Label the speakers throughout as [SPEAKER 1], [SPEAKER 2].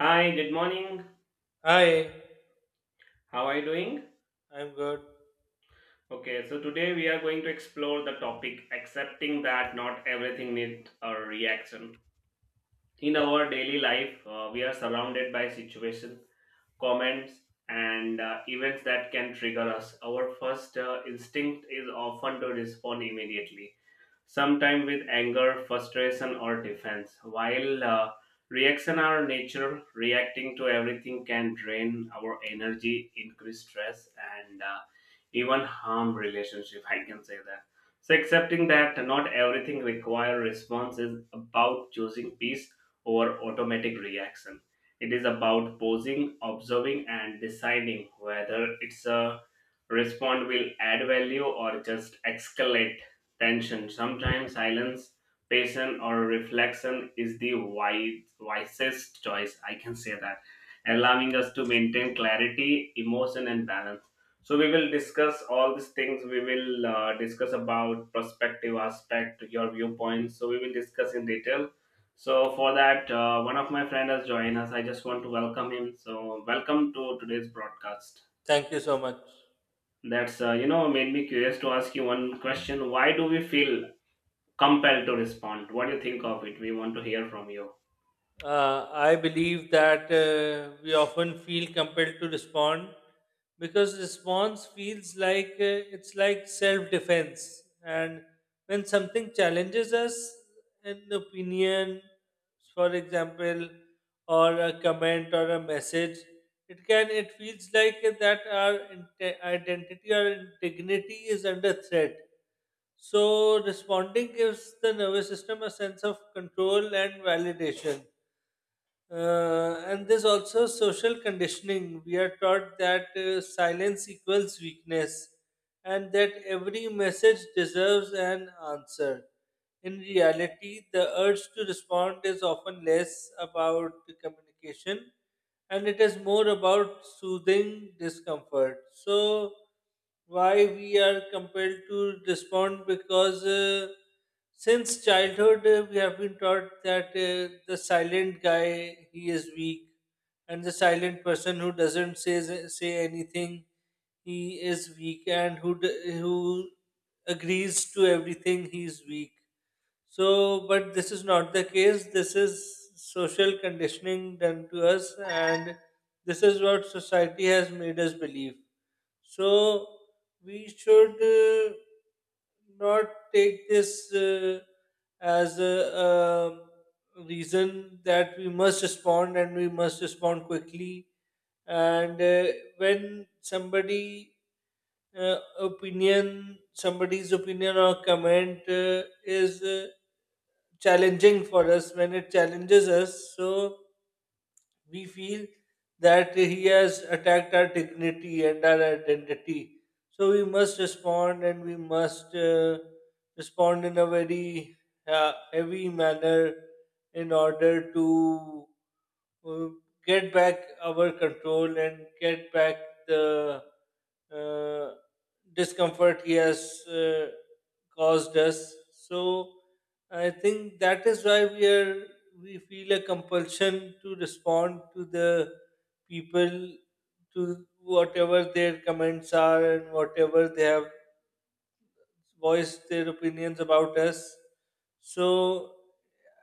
[SPEAKER 1] Hi, good morning.
[SPEAKER 2] Hi,
[SPEAKER 1] How are you doing?
[SPEAKER 2] I'm good.
[SPEAKER 1] Okay, so today we are going to explore the topic accepting that not everything needs a reaction. In
[SPEAKER 2] Yeah,
[SPEAKER 1] our daily life, we are surrounded by situations, comments, and events that can trigger us. Our first instinct is often to respond immediately, sometimes with anger, frustration, or defense. While reaction are nature, reacting to everything can drain our energy, increase stress, and even harm relationship. I can say that. So accepting that not everything require response is about choosing peace over automatic reaction. It is about pausing, observing, and deciding whether it's a respond will add value or just escalate tension. Sometimes silence, patience, or reflection is wisest choice, I can say that, allowing us to maintain clarity, emotion, and balance. So we will discuss all these things. We will discuss about perspective aspect, your viewpoints. So we will discuss in detail. So for that, one of my friend has joined us. I just want to welcome him. So welcome to today's broadcast.
[SPEAKER 2] thank you so much.
[SPEAKER 1] That's you know made me curious to ask you one question. Why do we feel compelled to respond? What do you think of it? We want to hear from you.
[SPEAKER 2] I believe that we often feel compelled to respond because response feels like it's like self defense. And when something challenges us, an opinion, for example, or a comment or a message, it feels like that our identity or integrity is under threat. So, responding gives the nervous system a sense of control and validation. And there's also social conditioning. We are taught that silence equals weakness and that every message deserves an answer. In reality, the urge to respond is often less about the communication and it is more about soothing discomfort. So, why we are compelled to respond because. Since childhood, we have been taught that the silent guy he is weak, and the silent person who doesn't say anything he is weak, and who who agrees to everything he is weak. So, but this is not the case. This is social conditioning done to us, and this is what society has made us believe. So we should not take this as a reason that we must respond and we must respond quickly. And when somebody somebody's opinion or comment is challenging for us, when it challenges us, so we feel that he has attacked our dignity and our identity. So we must respond and we must respond in a very heavy manner in order to uh, get back our control and get back the uh, discomfort he has caused us. So I think that is why we feel a compulsion to respond to the people, to whatever their comments are and whatever they have voice their opinions about us. So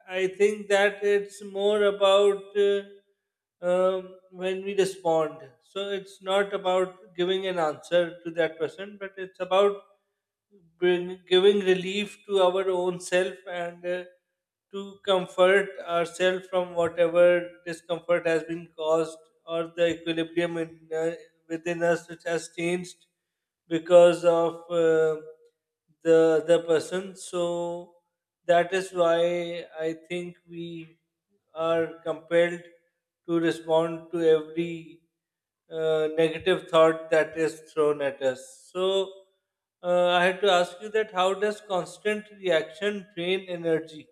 [SPEAKER 2] I think that it's more about when we respond. So it's not about giving an answer to that person, but it's about giving relief to our own self and to comfort ourselves from whatever discomfort has been caused or the equilibrium in, within us which has changed because of the person. So that is why I think we are compelled to respond to every negative thought that is thrown at us. So I had to ask you that how does constant reaction drain energy?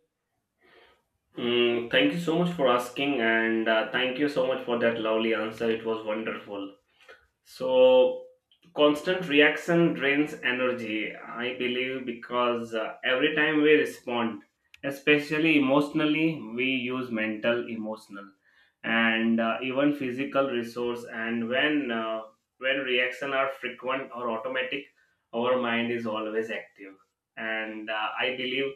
[SPEAKER 1] Mm, thank you so much for asking, and thank you so much for that lovely answer. It was wonderful. So, constant reaction drains energy, I believe, because every time we respond, especially emotionally, we use mental, emotional, and even physical resource. And when reaction are frequent or automatic, our mind is always active. And I believe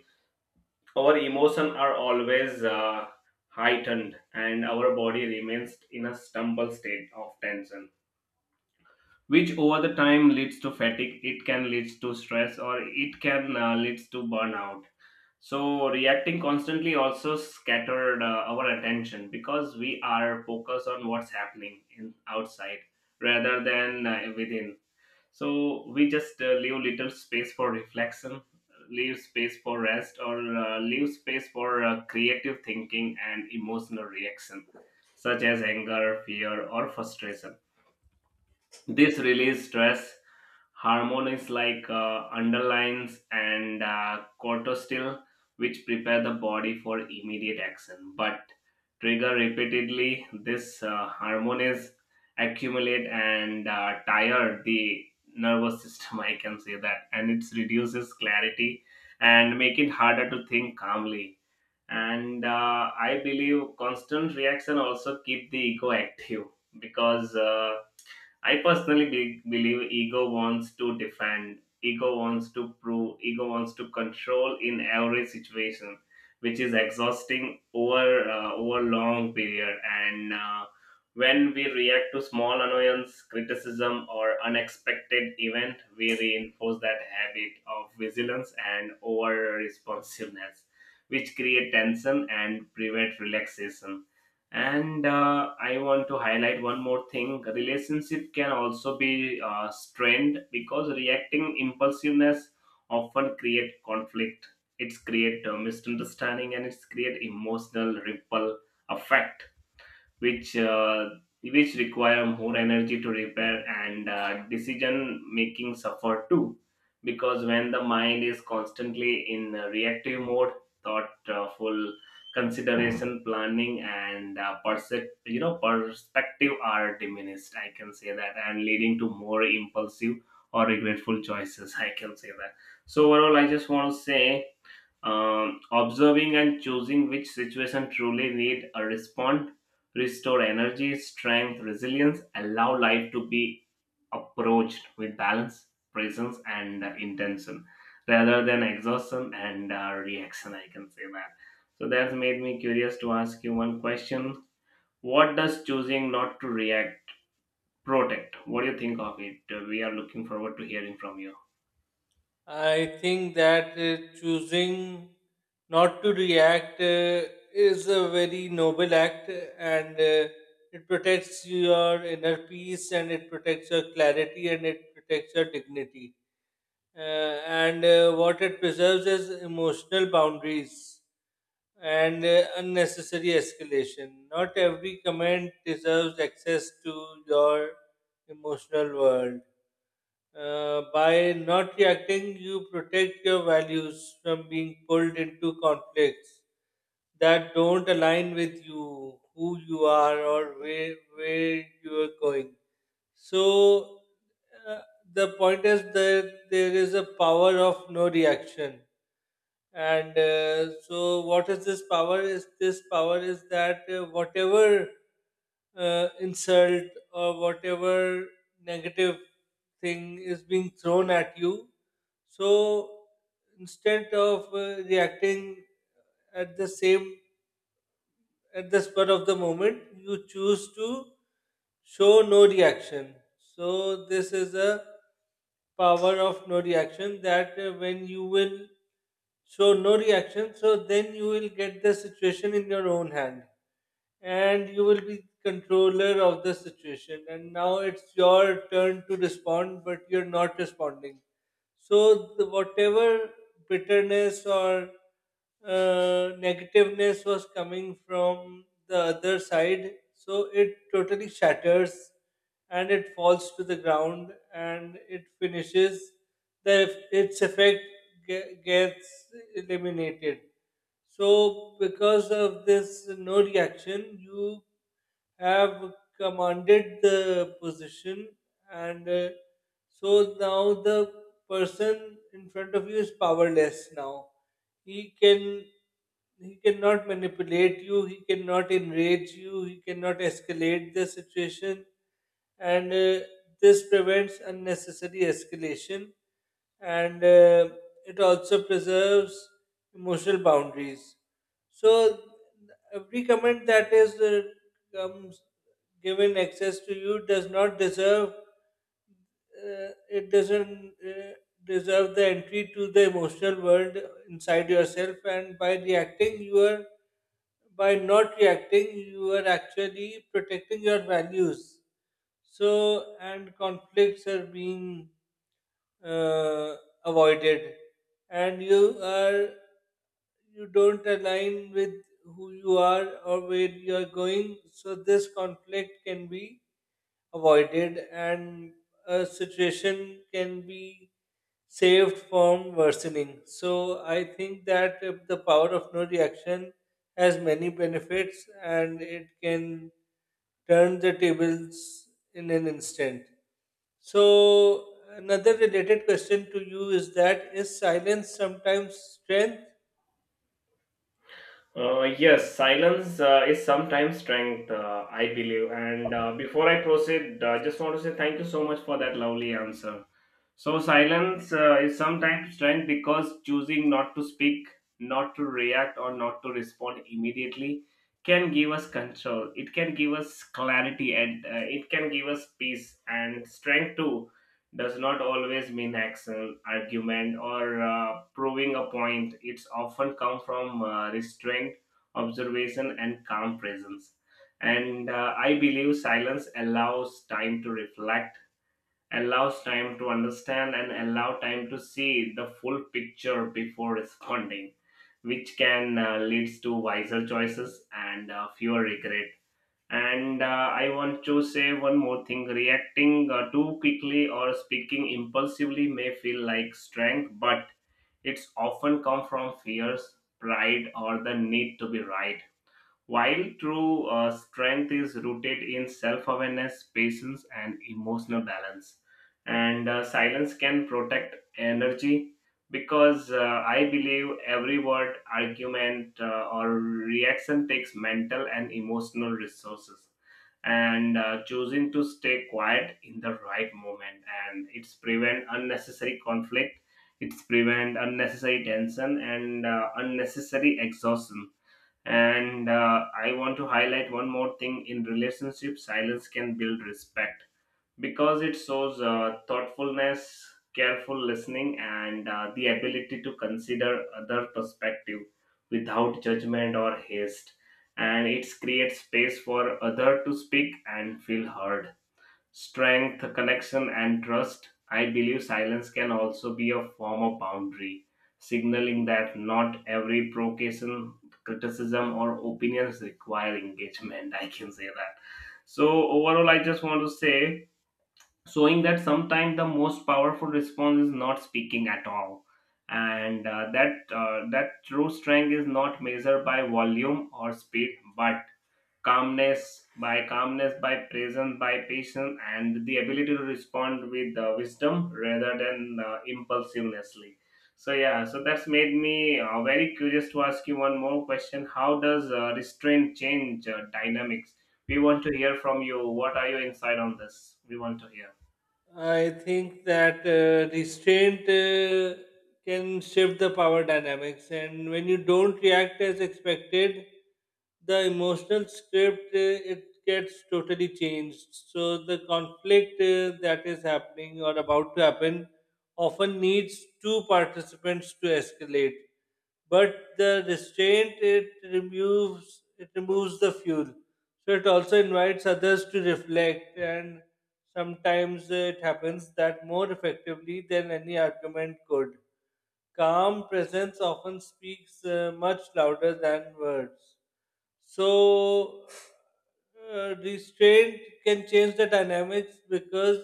[SPEAKER 1] our emotion are always heightened, and our body remains in a stumble state of tension, which over the time leads to fatigue. It can lead to stress, or it can lead to burnout. So reacting constantly also scattered our attention because we are focused on what's happening in outside rather than within. So we just leave little space for reflection, leave space for rest, or leave space for creative thinking. And emotional reaction such as anger, fear, or frustration, this release stress hormones like underlines and cortisol, which prepare the body for immediate action, but trigger repeatedly. This hormone accumulate and tire the nervous system, I can say that, and it reduces clarity and make it harder to think calmly. And I believe constant reaction also keep the ego active because. I personally believe ego wants to defend, ego wants to prove, ego wants to control in every situation, which is exhausting over long period. And when we react to small annoyance, criticism, or unexpected event, we reinforce that habit of vigilance and over responsiveness, which create tension and prevent relaxation. And I want to highlight one more thing: relationship can also be strained because reacting impulsiveness often create conflict, it's create misunderstanding, and it's create emotional ripple effect, which which require more energy to repair. And decision making suffer too, because when the mind is constantly in a reactive mode, thoughtful consideration, planning, and perspective are diminished, I can say that, and leading to more impulsive or regretful choices, I can say that. So overall, I just want to say, observing and choosing which situation truly need a response, restore energy, strength, resilience, allow life to be approached with balance, presence, and intention rather than exhaustion and reaction, I can say that. So that's made me curious to ask you one question. What does choosing not to react protect? What do you think of it? We are looking forward to hearing from you.
[SPEAKER 2] I think that choosing not to react is a very noble act, and it protects your inner peace, and it protects your clarity, and it protects your dignity. And What it preserves is emotional boundaries and unnecessary escalation. Not every comment deserves access to your emotional world. By not reacting, you protect your values from being pulled into conflicts that don't align with you, who you are, or where you are going. So uh, the point is that there is a power of no reaction. And so, what is this power? Is this power is that whatever insult or whatever negative thing is being thrown at you, so instead of reacting at the same at the spur of the moment, you choose to show no reaction. So this is a power of no reaction that when you will show no reaction, so then you will get the situation in your own hand and you will be controller of the situation. And now it's your turn to respond, but you're not responding. So the, whatever bitterness or negativeness was coming from the other side, so it totally shatters and it falls to the ground and it finishes the its effect gets eliminated. So because of this no reaction you have commanded the position, and so now the person in front of you is powerless now. He can he cannot manipulate you, he cannot enrage you, he cannot escalate the situation, and this prevents unnecessary escalation, and it also preserves emotional boundaries. So every comment that is comes given access to you does not deserve, it doesn't deserve the entry to the emotional world inside yourself. And by not reacting you are actually protecting your values. So, and conflicts are being uh, avoided, and you don't align with who you are or where you are going. So this conflict can be avoided and a situation can be saved from worsening. So I think that if the power of no reaction has many benefits and it can turn the tables in an instant. So another related question to you is that is silence sometimes strength?
[SPEAKER 1] Yes, silence is sometimes strength, I believe. And before I proceed, I just want to say thank you so much for that lovely answer. So, silence is sometimes strength because choosing not to speak, not to react, or not to respond immediately can give us control. It can give us clarity, and it can give us peace. And strength too does not always mean action, argument, or proving a point. It's often come from restraint, observation, and calm presence. And I believe silence allows time to reflect, allows time to understand, and allow time to see the full picture before responding, which can lead to wiser choices and fewer regret. And I want to say one more thing: reacting too quickly or speaking impulsively may feel like strength, but it's often come from fears, pride, or the need to be right, while true strength is rooted in self awareness, patience, and emotional balance. And silence can protect energy because I believe every word, argument, or reaction takes mental and emotional resources. And choosing to stay quiet in the right moment, and it's prevent unnecessary conflict, it's prevent unnecessary tension and unnecessary exhaustion. And I want to highlight one more thing: in relationship, silence can build respect because it shows thoughtfulness, careful listening, and the ability to consider other perspective without judgment or haste. And it creates space for other to speak and feel heard, strength, connection, and trust. I believe silence can also be a form of boundary, signaling that not every provocation, criticism, or opinions require engagement, I can say that. So, overall, I just want to say, showing that sometimes the most powerful response is not speaking at all, and that true strength is not measured by volume or speed, but calmness, by presence, by patience, and the ability to respond with wisdom rather than impulsivenessly. So yeah, so that's made me very curious to ask you one more question: how does restraint change dynamics? We want to hear from you, what are your insight on this? We want to hear.
[SPEAKER 2] I think that restraint can shift the power dynamics, and when you don't react as expected, the emotional script it gets totally changed. So the conflict that is happening or about to happen often needs two participants to escalate, but the restraint it removes the fuel, so it also invites others to reflect. And sometimes it happens that more effectively than any argument could. Calm presence often speaks much louder than words. So, restraint can change the dynamics because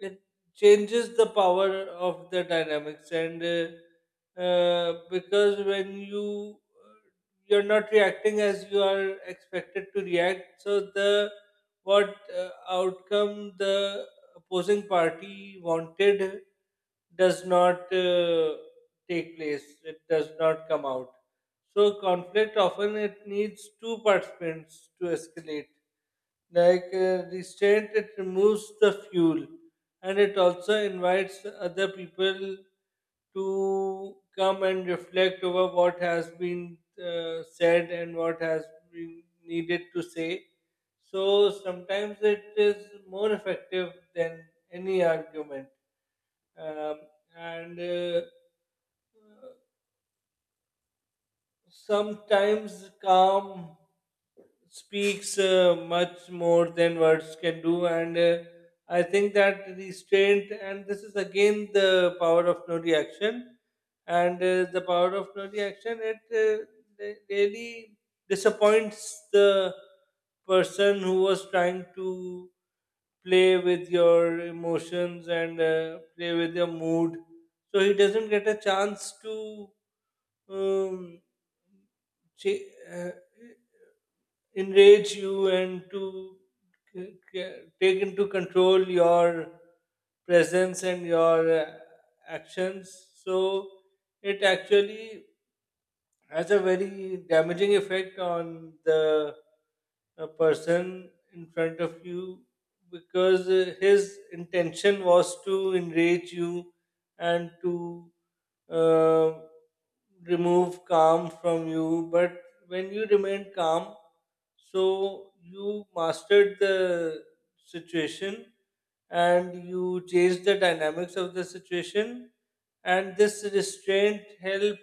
[SPEAKER 2] it changes the power of the dynamics, and because when you're not reacting as you are expected to react, so the what outcome the opposing party wanted does not take place. It does not come out. So conflict often it needs two participants to escalate. Like restraint, it removes the fuel, and it also invites other people to come and reflect over what has been said and what has been needed to say. So sometimes it is more effective than any argument. Um, and Sometimes calm speaks much more than words can do, and I think that restraint, and this is again the power of no reaction, and the power of no reaction, it really disappoints the person who was trying to play with your emotions and play with your mood. So he doesn't get a chance to um, cha- uh, enrage you and to take into control your presence and your actions. So it actually has a very damaging effect on the person in front of you because his intention was to enrage you and to uh, remove calm from you. But when you remained calm, so you mastered the situation and you changed the dynamics of the situation, and this restraint helped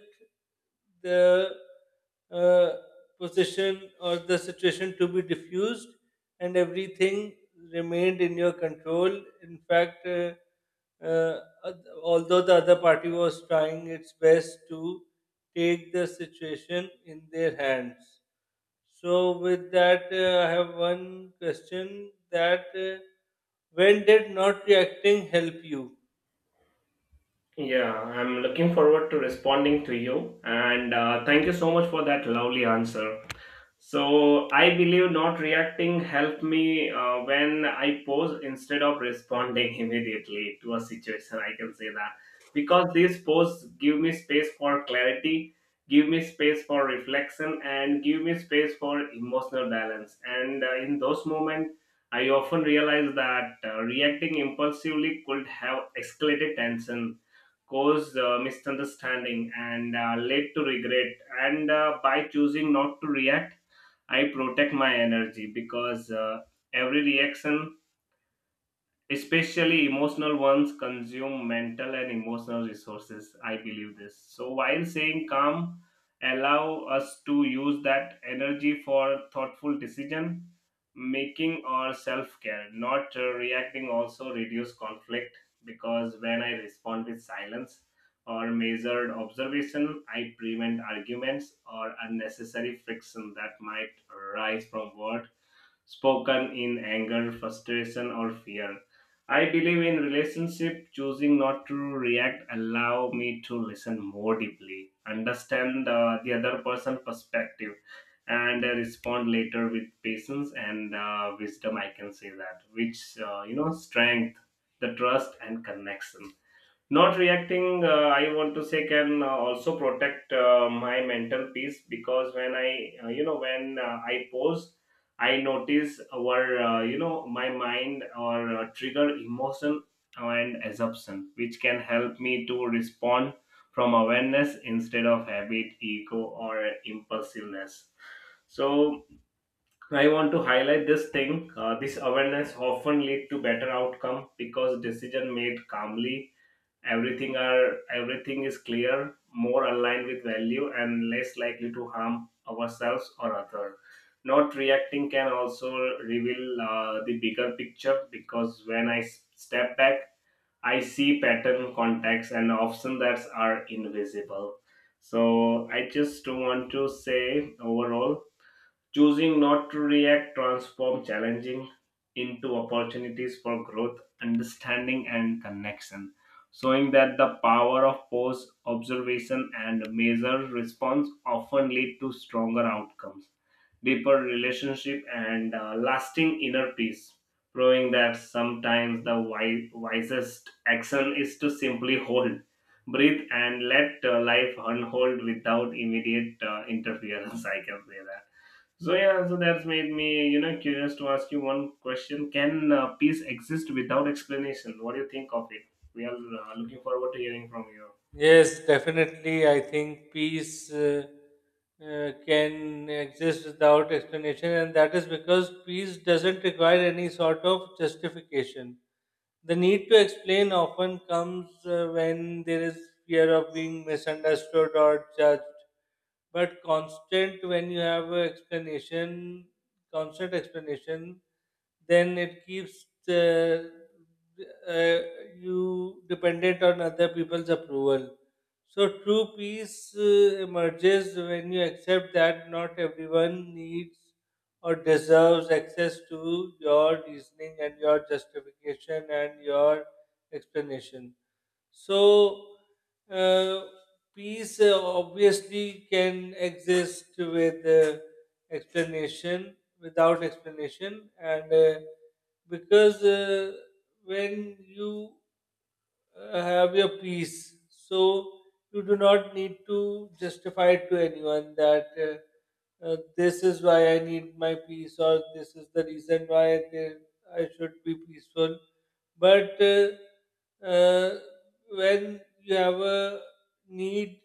[SPEAKER 2] the uh, position or the situation to be diffused, and everything remained in your control. In fact, although the other party was trying its best to take the situation in their hands. So with that, I have one question that when did not reacting help you?
[SPEAKER 1] Yeah, I'm looking forward to responding to you, and thank you so much for that lovely answer. So I believe not reacting helped me when I pause instead of responding immediately to a situation, I can say that, because these pause give me space for clarity, give me space for reflection, and give me space for emotional balance. And in those moments, I often realize that reacting impulsively could have escalated tension, caused misunderstanding, and led to regret. And by choosing not to react, I protect my energy, because every reaction, especially emotional ones, consume mental and emotional resources, I believe this. So while saying calm allow us to use that energy for thoughtful decision making or self care. Not reacting also reduce conflict, because when I respond with silence or measured observation, I prevent arguments or unnecessary friction that might arise from words spoken in anger, frustration, or fear. I believe in relationship, choosing not to react allow me to listen more deeply, understand the other person' perspective, and respond later with patience and wisdom, I can say that, which, strength, the trust, and connection. Not reacting, I want to say, can also protect my mental peace, because when I pause, I notice our, my mind or trigger emotion and assumption, which can help me to respond from awareness instead of habit, ego, or impulsiveness. So I want to highlight this thing. This awareness often lead to better outcome because decision made calmly, everything is clear, more aligned with value and less likely to harm ourselves or other. Not reacting can also reveal the bigger picture, because when step back, I see pattern, context, and options that are invisible. So I just want to say overall, choosing not to react transforms challenging into opportunities for growth, understanding, and connection, showing that the power of pause, observation, and measured response often lead to stronger outcomes, deeper relationship, and lasting inner peace. Proving that sometimes the wisest action is to simply hold, breathe, and let life unfold without immediate interference, I can say that. So yeah, so that's made me, you know, curious to ask you one question: can peace exist without explanation? What do you think of it? We are looking forward to hearing from you.
[SPEAKER 2] Yes, definitely. I think peace can exist without explanation, and that is because peace doesn't require any sort of justification. The need to explain often comes when there is fear of being misunderstood or judged. But constant, when you have an explanation, constant explanation then it keeps uh, you dependent on other people's approval. So true peace emerges when you accept that not everyone needs or deserves access to your reasoning and your justification and your explanation. So, uh, peace obviously can exist with explanation, without explanation, and because when you have your peace, so you do not need to justify it to anyone that. This is why I need my peace, or this is the reason why they, I should be peaceful. But uh, when you have a need,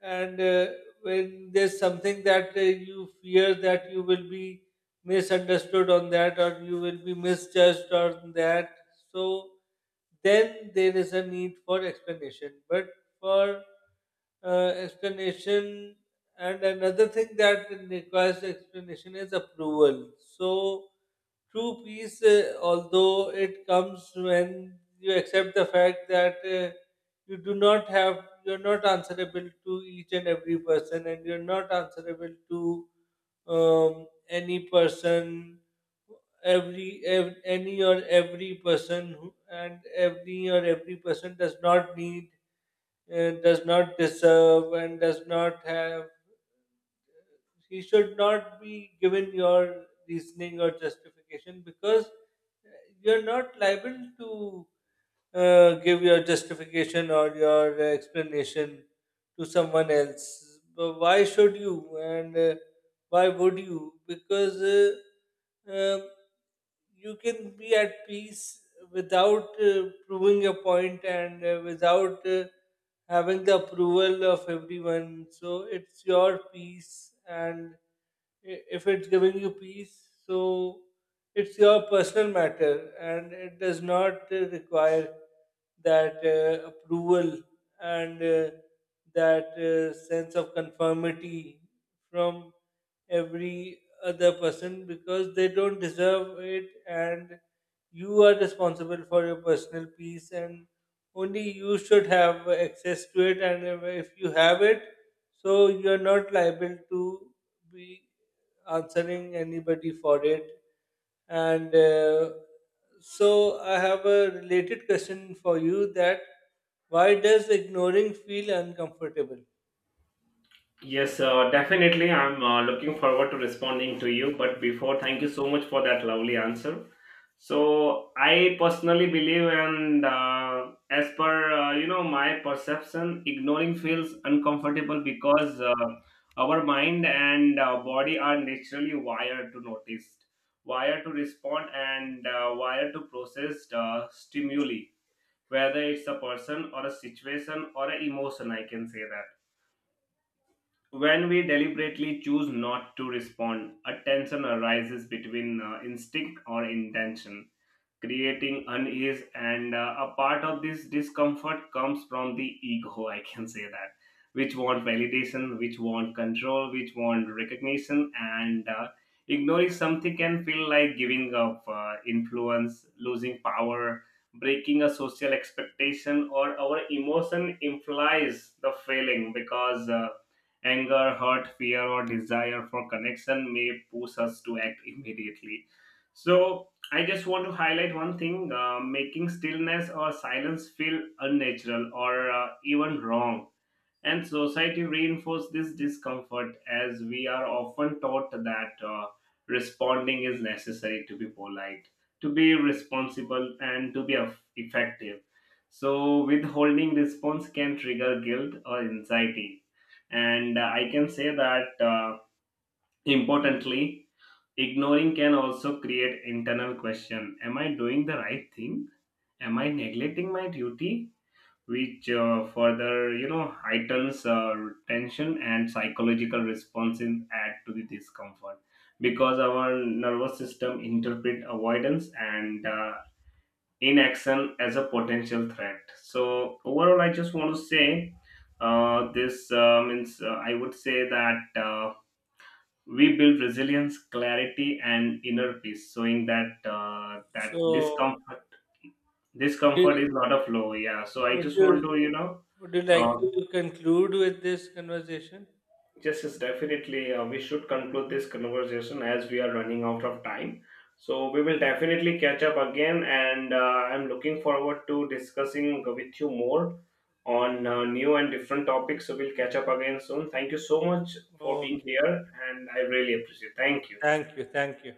[SPEAKER 2] and when there's something that you fear that you will be misunderstood on that or you will be misjudged on that, so then there is a need for explanation. But for explanation, and another thing that requires explanation is approval. So, true peace, although it comes when you accept the fact that you do not have, you're not answerable to each and every person, and you're not answerable to any person, any or every person, who, and any or every person does not need, does not deserve, and does not have, he should not be given your reasoning or justification because you're not liable to give your justification or your explanation to someone else. But why should you, and why would you? Because um you can be at peace without proving a point and without having the approval of everyone. So it's your peace, and if it's giving you peace, so it's your personal matter, and it does not require that approval and that sense of conformity from every other person because they don't deserve it, and you are responsible for your personal peace, and only you should have access to it. And if you have it, so you are not liable to be answering anybody for it. And so I have a related question for you that why does ignoring feel uncomfortable?
[SPEAKER 1] Yes, definitely. I'm looking forward to responding to you. But before, thank you so much for that lovely answer. So I personally believe, and as per my perception, ignoring feels uncomfortable because our mind and body are naturally wired to notice, wired to respond, and wired to process stimuli, whether it's a person or a situation or an emotion, I can say that. When we deliberately choose not to respond, a tension arises between instinct or intention, creating unease. And a part of this discomfort comes from the ego, I can say that, which want validation, which want control, which want recognition. And ignoring something can feel like giving up influence, losing power, breaking a social expectation, or our emotion implies the failing, because anger, hurt, fear, or desire for connection may push us to act immediately. So I just want to highlight one thing, making stillness or silence feel unnatural or even wrong. And society reinforces this discomfort, as we are often taught that responding is necessary to be polite, to be responsible, and to be effective. So, withholding response can trigger guilt or anxiety. And I can say that, importantly, ignoring can also create internal question: am I doing the right thing? Am I neglecting my duty? Which further, you know, heightens tension. And psychological responses add to the discomfort because our nervous system interpret avoidance and inaction as a potential threat. So overall, I just want to say, this means I would say that. We build resilience, clarity, and inner peace, showing that
[SPEAKER 2] So
[SPEAKER 1] discomfort
[SPEAKER 2] would
[SPEAKER 1] discomfort
[SPEAKER 2] you
[SPEAKER 1] is not a flow. Yeah, so I
[SPEAKER 2] would
[SPEAKER 1] just
[SPEAKER 2] you,
[SPEAKER 1] want to, you know,
[SPEAKER 2] would you like
[SPEAKER 1] uh,
[SPEAKER 2] to conclude with this conversation?
[SPEAKER 1] just is definitely we should conclude this conversation as we are running out of time. So we will definitely catch up again, and I'm looking forward to discussing with you more on new and different topics. So we'll catch up again soon. Thank you so much for being here,
[SPEAKER 2] Okay.
[SPEAKER 1] and I really appreciate. Thank you.
[SPEAKER 2] Thank you. Thank you.